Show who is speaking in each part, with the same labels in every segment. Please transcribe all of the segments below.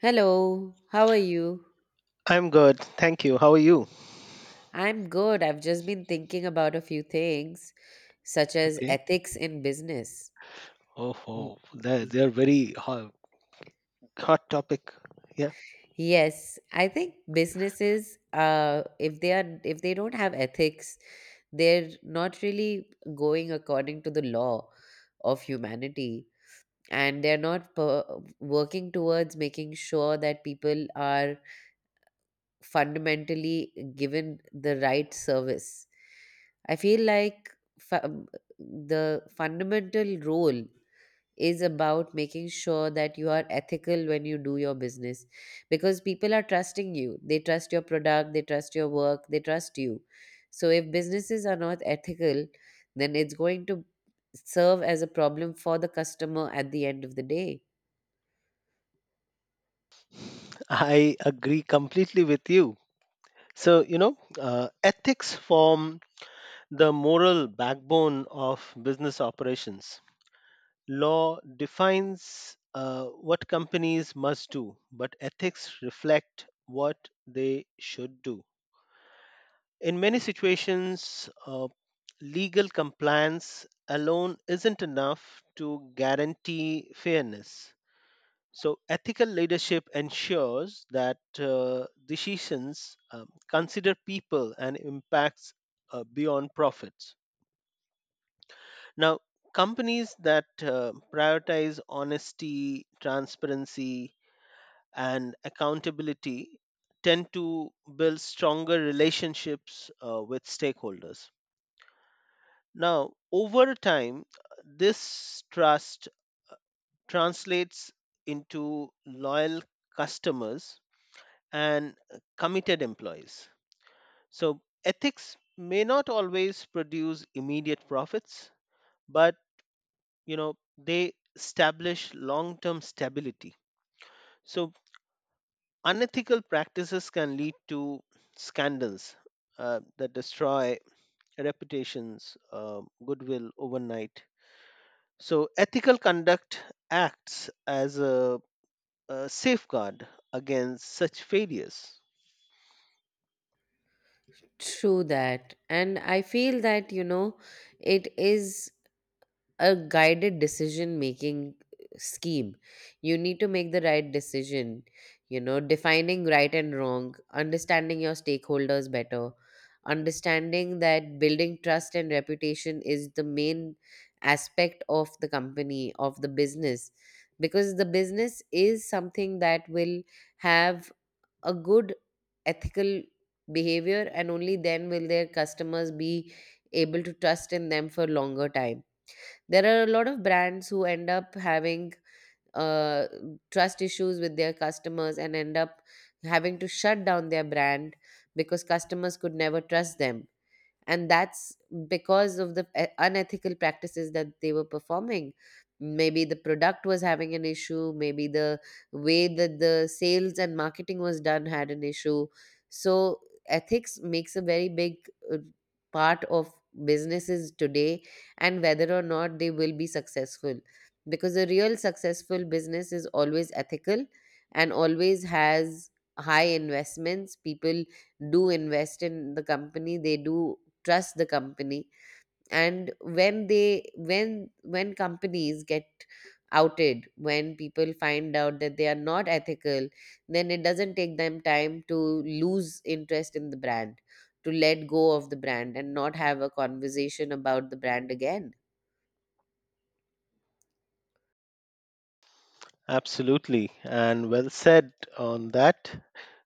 Speaker 1: Hello, how are you?
Speaker 2: I'm good. Thank you. How are you?
Speaker 1: I'm good. I've just been thinking about a few things, such as
Speaker 2: Okay.
Speaker 1: ethics in business.
Speaker 2: Oh,
Speaker 1: W-
Speaker 2: oh they're, they're very hot topic. Yeah,
Speaker 1: Yes, I think businesses, if they don't have ethics, they're not really going according to the law of humanity, and they're not working towards making sure that people are fundamentally given the right service. I feel like fa- the fundamental role is about making sure that you are ethical when you do your business because people are trusting you. They trust your product, they trust your work, they trust you. So if businesses are not ethical, then it's going to serve as a problem for the customer at the end of the day.
Speaker 2: I agree completely with you. So, ethics form the moral backbone of business operations. Law defines what companies must do, but ethics reflect what they should do. In many situations, legal compliance alone isn't enough to guarantee fairness. So, ethical leadership ensures that decisions consider people and impacts beyond profits. Now, companies that prioritize honesty, transparency, and accountability tend to build stronger relationships with stakeholders. Now, over time, this trust uh, translates into loyal customers and committed employees. So ethics may not always produce immediate profits, but you know they establish long-term stability. So unethical practices can lead to scandals that destroy reputations, goodwill overnight. So, ethical conduct acts as a safeguard against such failures.
Speaker 1: True that. And I feel that, you know, it is. A guided decision making scheme. You need to make the right decision, you know, defining right and wrong, understanding your stakeholders better, understanding that building trust and reputation is the main aspect of the company of the business, because the business is something that will have a good ethical behavior, and only then will their customers be able to trust in them for longer time. There are a lot of brands who end up having uh, trust issues with their customers and end up having to shut down their brand because customers could never trust them, and that's because of the unethical practices that they were performing. Maybe the product was having an issue, maybe the way that the sales and marketing was done had an issue. So ethics makes a very big uh, part of businesses today, and whether or not they will be successful, because a real successful business is always ethical and always has high investments. People do invest in the company, they do trust the company, and when companies get outed, when people find out that they are not ethical, then it doesn't take them time to lose interest in the brand, to let go of the brand and not have a conversation about the brand again.
Speaker 2: Absolutely, and well said on that.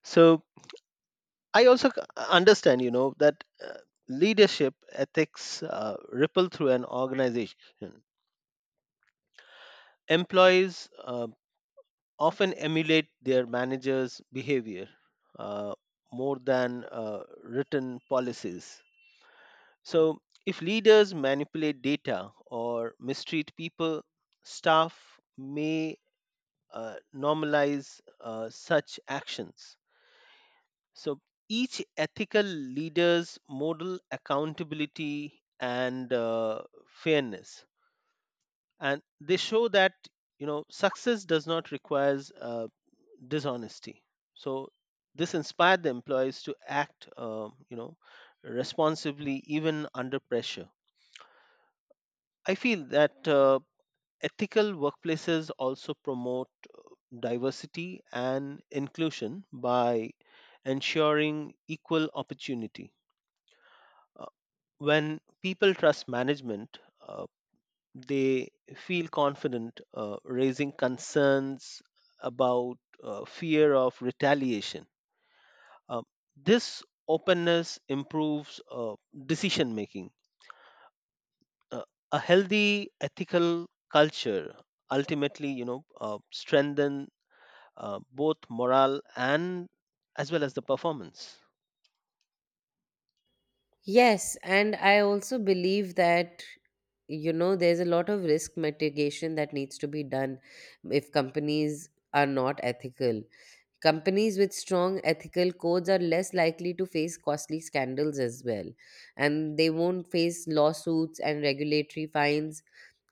Speaker 2: So, I also understand, you know, that leadership ethics ripple through an organization. Employees often emulate their managers' behavior uh, more than written policies. So, if leaders manipulate data or mistreat people, staff may normalize such actions. So, each ethical leader's model accountability and fairness, and they show that you know success does not require dishonesty. So, this inspired the employees to act, you know, responsibly even under pressure. I feel that ethical workplaces also promote diversity and inclusion by ensuring equal opportunity. Uh, When people trust management, uh, they feel confident raising concerns about fear of retaliation. Uh, this openness improves decision making. Uh, a healthy ethical culture ultimately, you know, strengthen both morale and as well as the performance.
Speaker 1: Yes, and I also believe that, you know, there's a lot of risk mitigation that needs to be done if companies are not ethical. Companies with strong ethical codes are less likely to face costly scandals as well, and they won't face lawsuits and regulatory fines.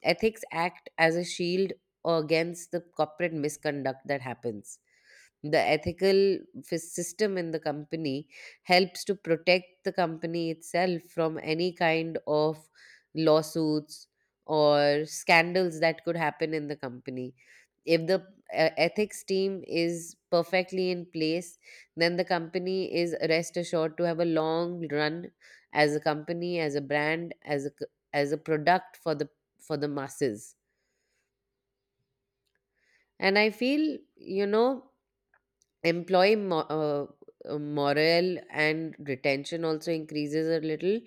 Speaker 1: Ethics act as a shield against the corporate misconduct that happens. The ethical system in the company helps to protect the company itself from any kind of lawsuits or scandals that could happen in the company. If the ethics team is perfectly in place, then the company is rest assured to have a long run as a company, as a brand, as a as a product for the masses. And I feel, you know, employee morale and retention also increases a little,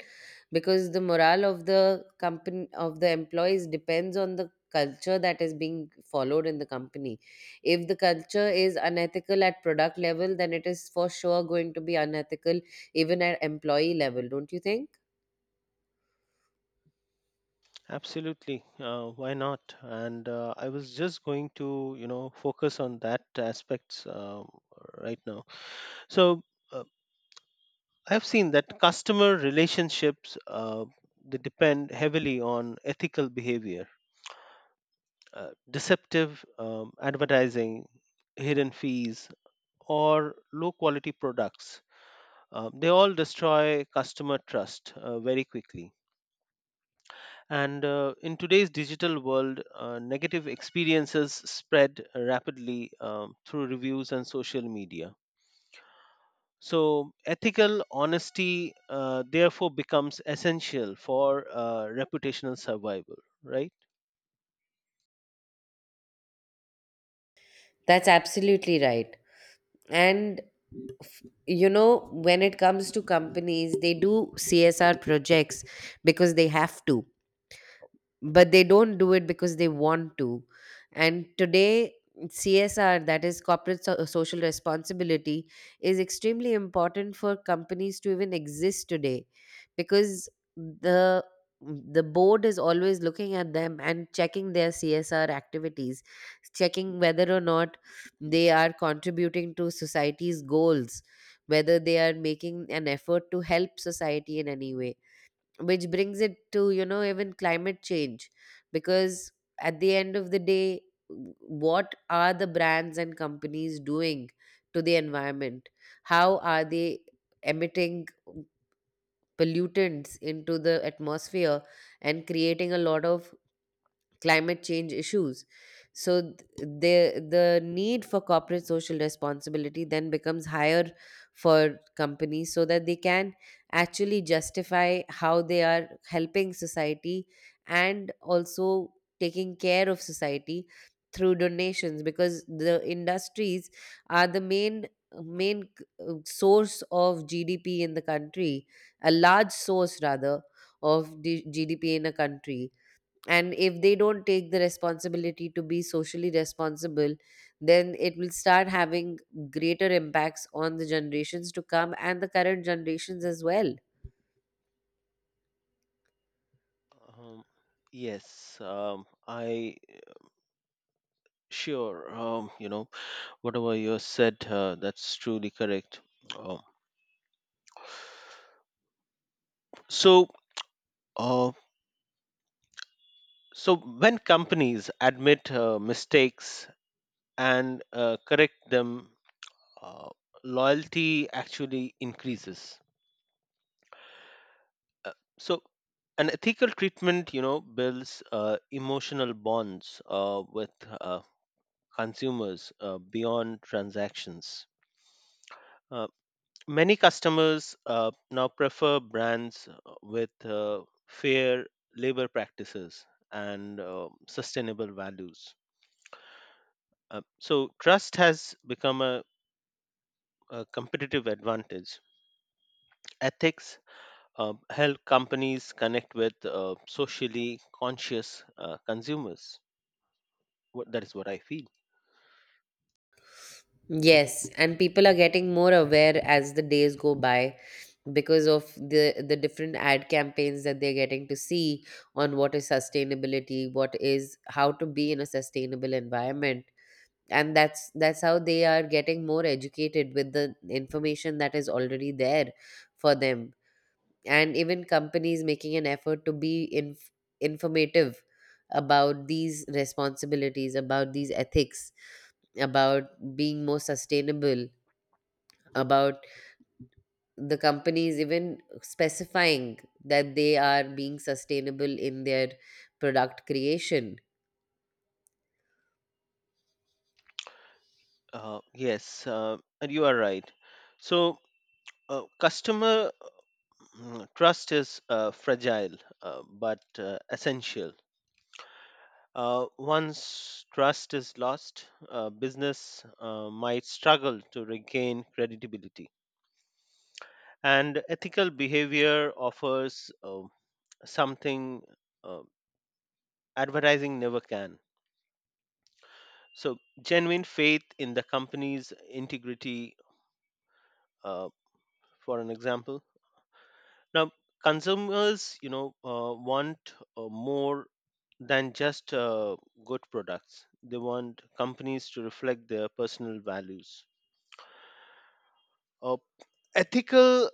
Speaker 1: because the morale of the company of the employees depends on the culture that is being followed in the company. If the culture is unethical at product level, then it is for sure going to be unethical even at employee level, don't you think?
Speaker 2: Absolutely, why not? And I was just going to, you know, focus on that aspects right now. So uh, I've seen that customer relationships they depend heavily on ethical behavior, deceptive advertising, hidden fees, or low quality products. They all destroy customer trust very quickly. And in today's digital world, negative experiences spread rapidly through reviews and social media. So, ethical honesty therefore becomes essential for reputational survival, right?
Speaker 1: That's absolutely right. And you know, when it comes to companies, they do CSR projects because they have to, but they don't do it because they want to. And today CSR, that is corporate social responsibility, is extremely important for companies to even exist today, because the the board is always looking at them and checking their CSR activities, checking whether or not they are contributing to society's goals, whether they are making an effort to help society in any way, which brings it to, you know, even climate change, because at the end of the day, what are the brands and companies doing to the environment, how are they emitting pollutants into the atmosphere and creating a lot of climate change issues. So the need for corporate social responsibility then becomes higher for companies so that they can actually justify how they are helping society and also taking care of society through donations, because the industries are the main source of GDP in the country, a large source rather of GDP in a country. And if they don't take the responsibility to be socially responsible, then it will start having greater impacts on the generations to come and the current generations as well.
Speaker 2: Um, yes, I sure. You know, whatever you said, that's truly correct. Um, so, uh, So, when companies admit mistakes and correct them, uh, loyalty actually increases. Uh, so, an ethical treatment, you know, builds emotional bonds with uh, consumers beyond transactions. Uh, Many customers now prefer brands with fair labor practices and sustainable values. So trust has become a competitive advantage. Ethics help companies connect with socially conscious consumers. What, that is what I feel.
Speaker 1: Yes, and people are getting more aware as the days go by because of the different ad campaigns that they're getting to see on what is sustainability, what is how to be in a sustainable environment, and that's how they are getting more educated with the information that is already there for them, and even companies making an effort to be informative about these responsibilities, about these ethics, about being more sustainable, about the companies even specifying that they are being sustainable in their product creation.
Speaker 2: Yes, and you are right. So, customer trust is fragile but essential. Once trust is lost, business might struggle to regain credibility. And ethical behavior offers something uh, advertising never can. So, genuine faith in the company's integrity, uh, for an example. Now, consumers, you know, want more than just good products. They want companies to reflect their personal values. Uh, Ethical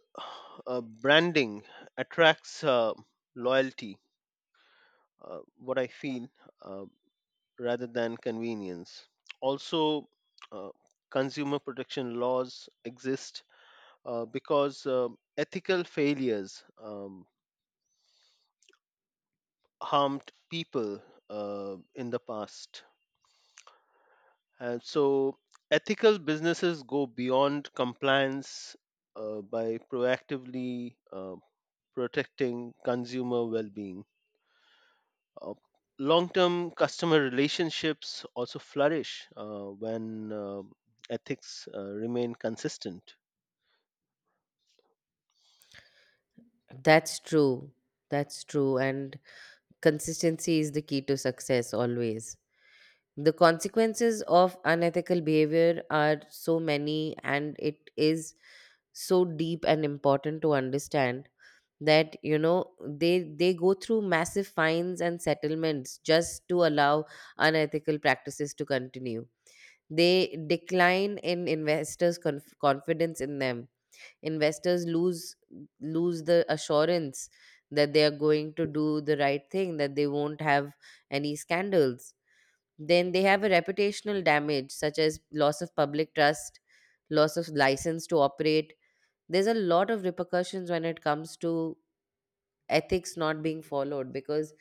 Speaker 2: branding attracts loyalty, what I feel, uh, rather than convenience. Also, uh, consumer protection laws exist because ethical failures um, harmed people in the past, and so ethical businesses go beyond compliance by proactively protecting consumer well-being. uh, Long-term customer relationships also flourish when ethics remain consistent.
Speaker 1: That's true, that's true, and consistency is the key to success always. The consequences of unethical behavior are so many, and it is so deep and important to understand that, you know, they go through massive fines and settlements just to allow unethical practices to continue. They decline in investors confidence in them. Investors lose, the assurance that they are going to do the right thing, that they won't have any scandals. Then they have a reputational damage, such as loss of public trust, loss of license to operate. There's a lot of repercussions when it comes to ethics not being followed, because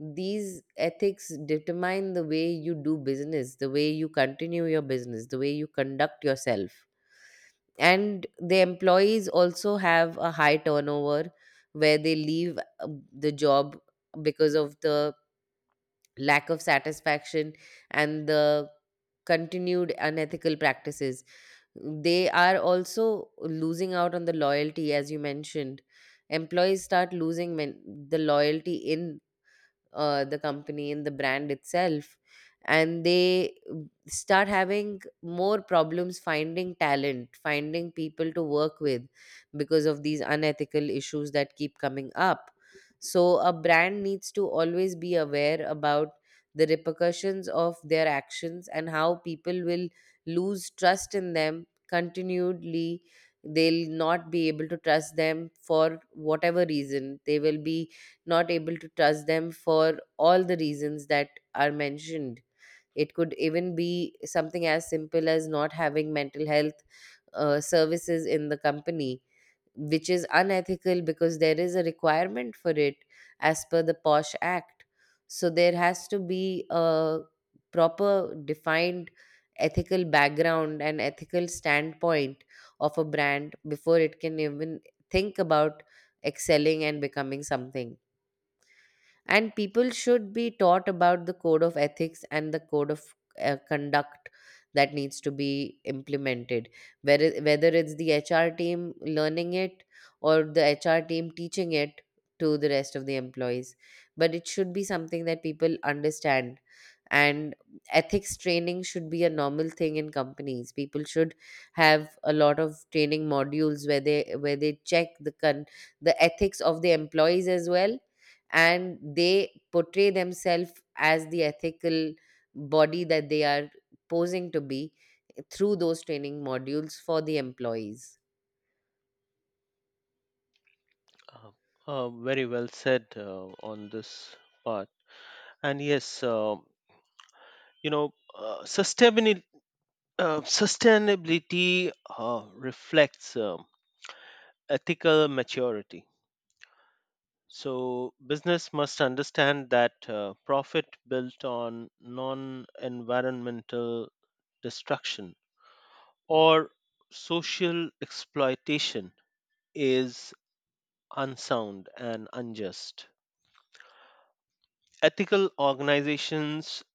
Speaker 1: these ethics determine the way you do business, the way you continue your business, the way you conduct yourself. And the employees also have a high turnover, where they leave the job because of the lack of satisfaction and the continued unethical practices. They are also losing out on the loyalty, as you mentioned. Employees start losing the loyalty in the company and the brand itself, and they start having more problems finding talent, finding people to work with because of these unethical issues that keep coming up. So a brand needs to always be aware about the repercussions of their actions and how people will lose trust in them continually. They'll not be able to trust them for whatever reason. They will be not able to trust them for all the reasons that are mentioned. It could even be something as simple as not having mental health services in the company, which is unethical because there is a requirement for it as per the POSH Act. So there has to be a proper defined ethical background and ethical standpoint of a brand before it can even think about excelling and becoming something. And people should be taught about the code of ethics and the code of conduct that needs to be implemented, whether it's the HR team learning it or the HR team teaching it to the rest of the employees. But it should be something that people understand. And ethics training should be a normal thing in companies. People should have a lot of training modules where they check the the ethics of the employees as well, and they portray themselves as the ethical body that they are posing to be through those training modules for the employees.
Speaker 2: Uh, Very well said on this part. And yes, you know, uh, sustainability, sustainability reflects ethical maturity. So business must understand that profit built on non-environmental destruction or social exploitation is unsound and unjust. Ethical organizations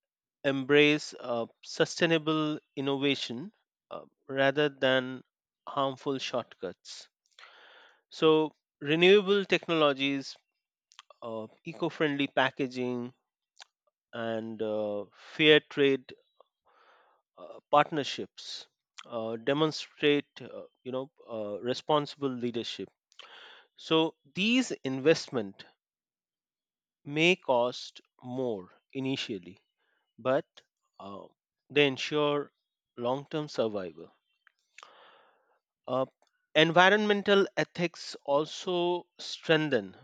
Speaker 2: embrace sustainable innovation uh, rather than harmful shortcuts. So, renewable technologies, eco friendly packaging, and fair trade partnerships demonstrate you know responsible leadership. So these investment may cost more initially, but uh, they ensure long term survival. Uh, Environmental ethics also strengthen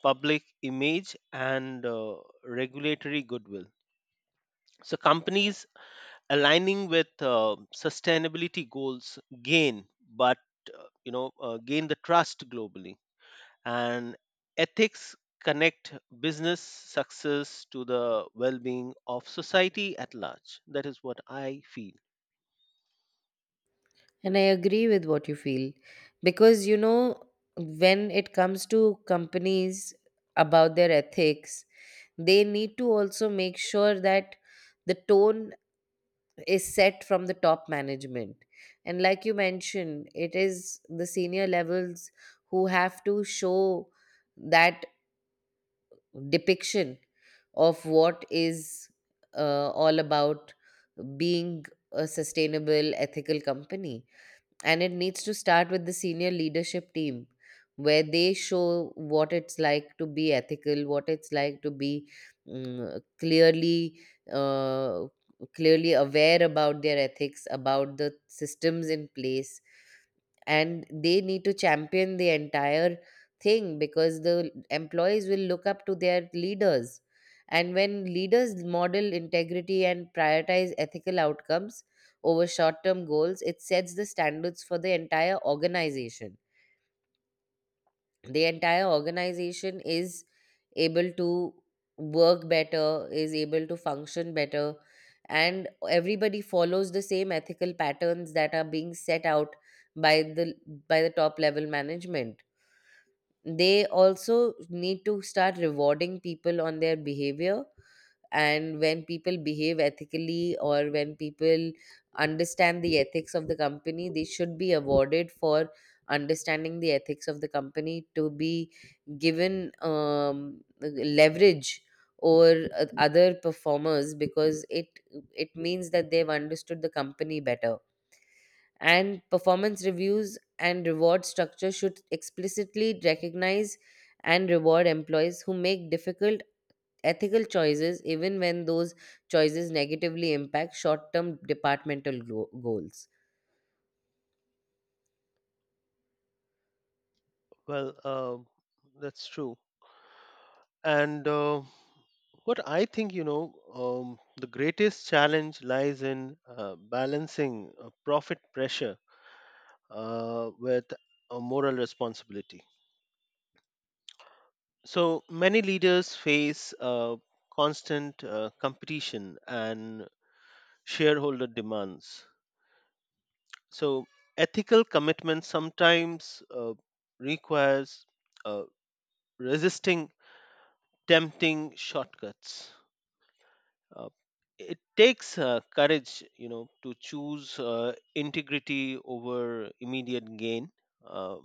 Speaker 2: public image and regulatory goodwill. So, companies aligning with sustainability goals gain, but you know, gain the trust globally, and ethics connect business success to the well-being of society at large. That is what I feel.
Speaker 1: And I agree with what you feel, because, you know, when it comes to companies, about their ethics, they need to also make sure that the tone is set from the top management. And like you mentioned, it is the senior levels who have to show that depiction of what is all about being a sustainable, ethical company. And it needs to start with the senior leadership team, where they show what it's like to be ethical, what it's like to be mm, clearly. Uh, Clearly aware about their ethics, about the systems in place, and they need to champion the entire thing, because the employees will look up to their leaders. And when leaders model integrity and prioritize ethical outcomes over short term goals, it sets the standards for the entire organization. The entire organization is able to work better, is able to function better, and everybody follows the same ethical patterns that are being set out by the top level management. They also need to start rewarding people on their behavior. And when people behave ethically, or when people understand the ethics of the company, they should be awarded for understanding the ethics of the company, to be given leverage or other performers, because it means that they've understood the company better. And performance reviews and reward structure should explicitly recognize and reward employees who make difficult ethical choices, even when those choices negatively impact short-term departmental goals.
Speaker 2: Well, that's true. And what I think, you know, um, the greatest challenge lies in balancing profit pressure with a moral responsibility. So many leaders face uh, constant competition and shareholder demands, so ethical commitment sometimes requires uh, resisting tempting shortcuts. uh, it takes courage, you know, to choose integrity over immediate gain, uh,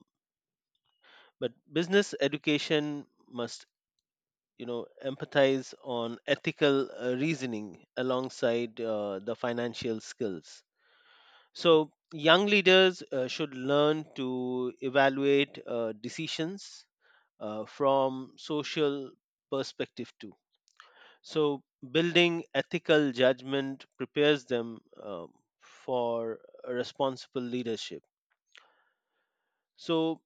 Speaker 2: but business education must, you know, empathize on ethical reasoning alongside the financial skills. So, young leaders should learn to evaluate decisions from social perspective too. So, building ethical judgment prepares them for responsible leadership. So,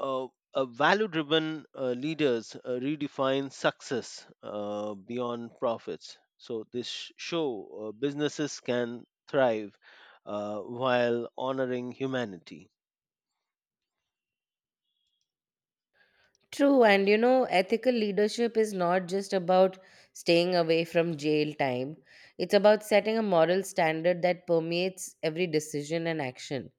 Speaker 2: uh, a value-driven leaders redefine success beyond profits. So, this show businesses can thrive while honoring humanity.
Speaker 1: True, and you know, ethical leadership is not just about staying away from jail time. It's about setting a moral standard that permeates every decision and action.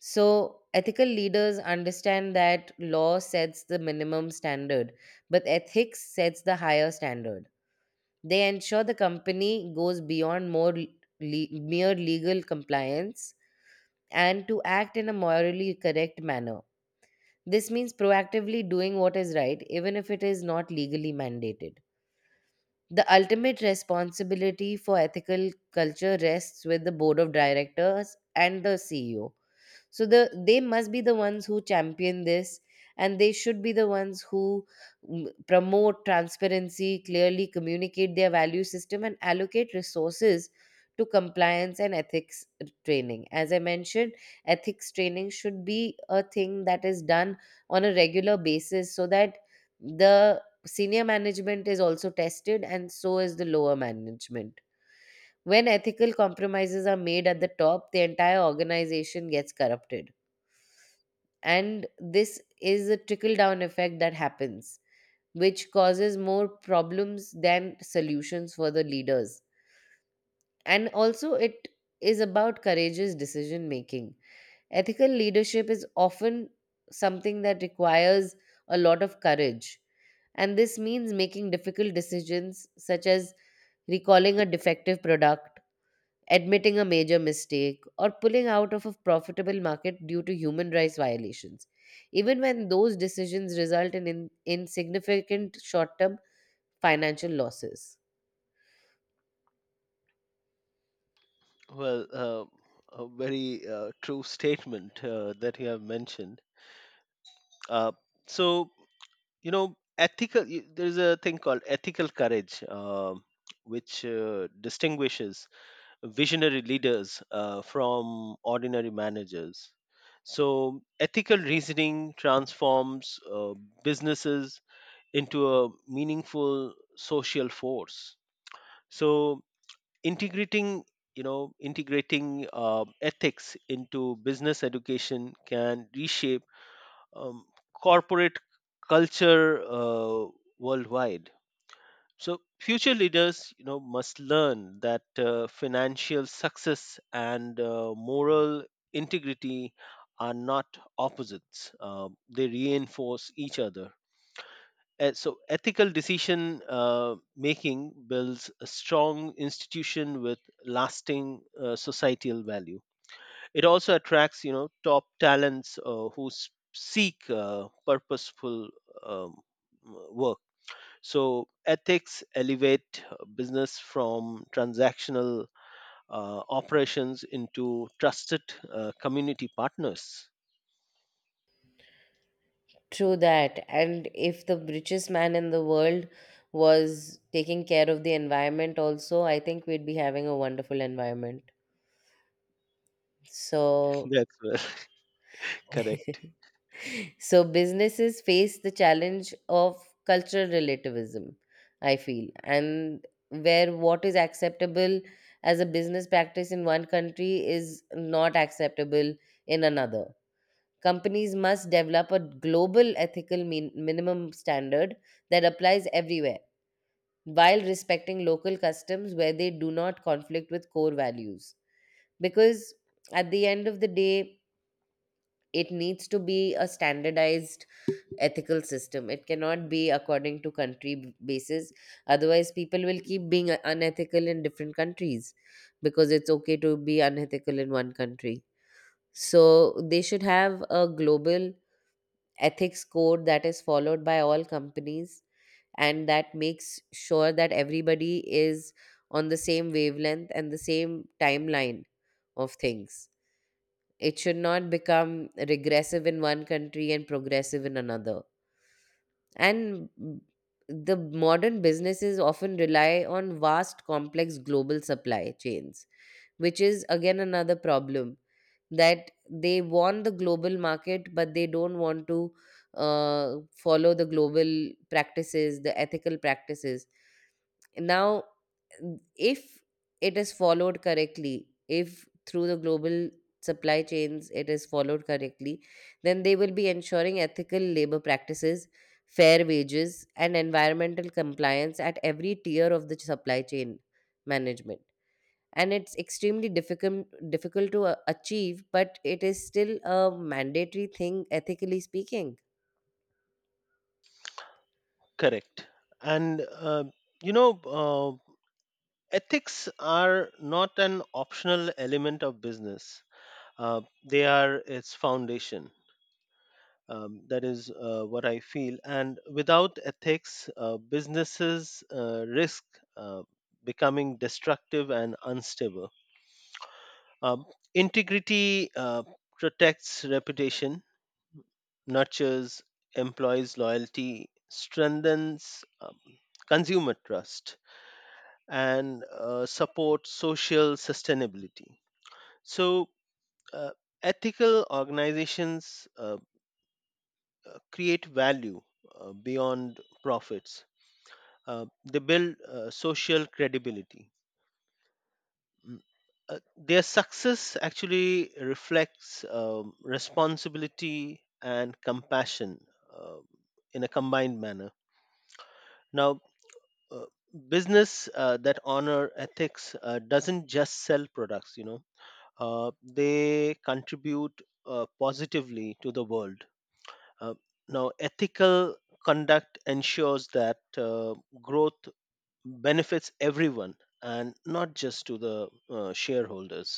Speaker 1: So, ethical leaders understand that law sets the minimum standard, but ethics sets the higher standard. They ensure the company goes beyond mere legal compliance and to act in a morally correct manner. This means proactively doing what is right, even if it is not legally mandated. The ultimate responsibility for ethical culture rests with the board of directors and the CEO, so the they must be the ones who champion this, and they should be the ones who promote transparency, clearly communicate their value system, and allocate resources to compliance and ethics training. As I mentioned, ethics training should be a thing that is done on a regular basis, so that the senior management is also tested, and so is the lower management. When ethical compromises are made at the top, the entire organization gets corrupted, and this is a trickle down effect that happens, which causes more problems than solutions for the leaders. And also, it is about courageous decision making. Ethical leadership is often something that requires a lot of courage, and this means making difficult decisions such as recalling a defective product, admitting a major mistake, or pulling out of a profitable market due to human rights violations, even when those decisions result in insignificant short term financial losses.
Speaker 2: Well, a very true statement that you have mentioned. Uh, so, you know, ethical, there's a thing called ethical courage, which distinguishes visionary leaders from ordinary managers. So, ethical reasoning transforms businesses into a meaningful social force. So, integrating you know integrating ethics into business education can reshape um, corporate culture worldwide. So future leaders, you know, must learn that financial success and moral integrity are not opposites. They reinforce each other, so ethical decision making builds a strong institution with lasting societal value. It also attracts, you know, top talents who seek purposeful um, work. So ethics elevate business from transactional operations into trusted community partners.
Speaker 1: True that. And if the richest man in the world was taking care of the environment, also, I think we'd be having a wonderful environment. So,
Speaker 2: That's well correct.
Speaker 1: so businesses face the challenge of cultural relativism, I feel, and where what is acceptable as a business practice in one country is not acceptable in another. Companies must develop a global ethical minimum standard that applies everywhere, while respecting local customs where they do not conflict with core values, because at the end of the day, it needs to be a standardized ethical system. It cannot be according to country basis, otherwise people will keep being unethical in different countries because it's okay to be unethical in one country. So they should have a global ethics code that is followed by all companies, and that makes sure that everybody is on the same wavelength and the same timeline of things. It should not become regressive in one country and progressive in another. And the modern businesses often rely on vast, complex global supply chains, which is again another problem, that they want the global market but they don't want to follow the global practices, the ethical practices. Now, if it is followed correctly, if through the global supply chains it is followed correctly, then they will be ensuring ethical labor practices, fair wages, and environmental compliance at every tier of the supply chain management. And it's extremely difficult to achieve, but it is still a mandatory thing, ethically speaking.
Speaker 2: Correct, and you know, ethics are not an optional element of business, uh, they are its foundation. That is what I feel. And without ethics, businesses risk uh, becoming destructive and unstable. Um, Integrity protects reputation, nurtures employees' loyalty, strengthens consumer trust, and supports social sustainability. So, uh, ethical organizations create value beyond profits. They build social credibility. Mm. Their success actually reflects responsibility and compassion uh, in a combined manner. Now, uh, business that honor ethics doesn't just sell products. You know, they contribute positively to the world. Uh, Now, ethical conduct ensures that growth benefits everyone and not just to the shareholders.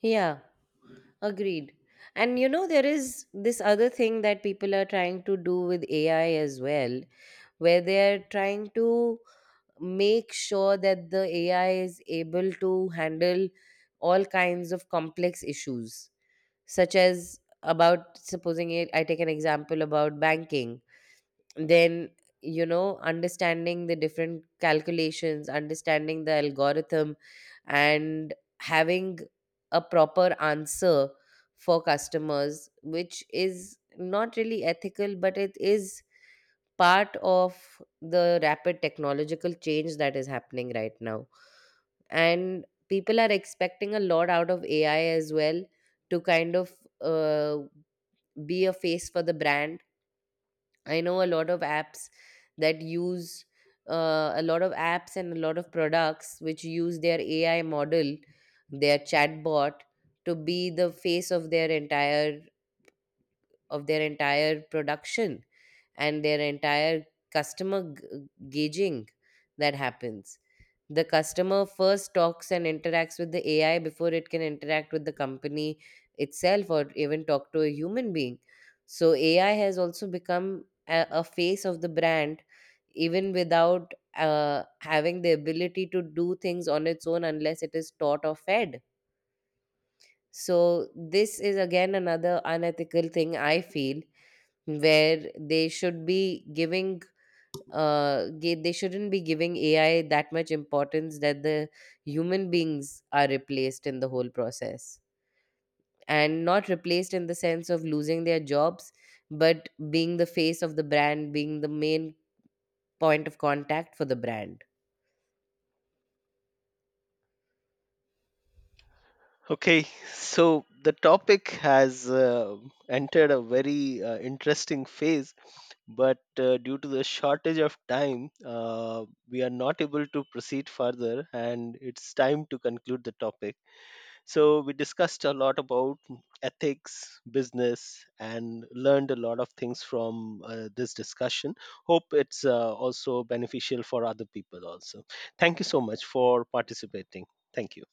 Speaker 1: Yeah, agreed. And you know, there is this other thing that people are trying to do with AI as well, where they're trying to make sure that the AI is able to handle all kinds of complex issues, such as, about supposing it, I take an example about banking. Then, you know, understanding the different calculations, understanding the algorithm, and having a proper answer for customers, which is not really ethical, but it is part of the rapid technological change that is happening right now. And people are expecting a lot out of AI as well, to kind of uh, be a face for the brand. I know a lot of apps that use a lot of apps and a lot of products which use their AI model, their chatbot, to be the face of their entire, of their entire production, and their entire customer gauging that happens. The customer first talks and interacts with the AI before it can interact with the company itself or even talk to a human being. So AI has also become a face of the brand, even without having the ability to do things on its own unless it is taught or fed. So, this is again another unethical thing I feel, where they should be giving they shouldn't be giving AI that much importance, that the human beings are replaced in the whole process. And not replaced in the sense of losing their jobs, but being the face of the brand, being the main point of contact for the brand.
Speaker 2: Okay, so the topic has entered a very interesting phase, but due to the shortage of time, we are not able to proceed further, and it's time to conclude the topic. So we discussed a lot about ethics, business, and learned a lot of things from this discussion. Hope it's also beneficial for other people also. Thank you so much for participating. Thank you.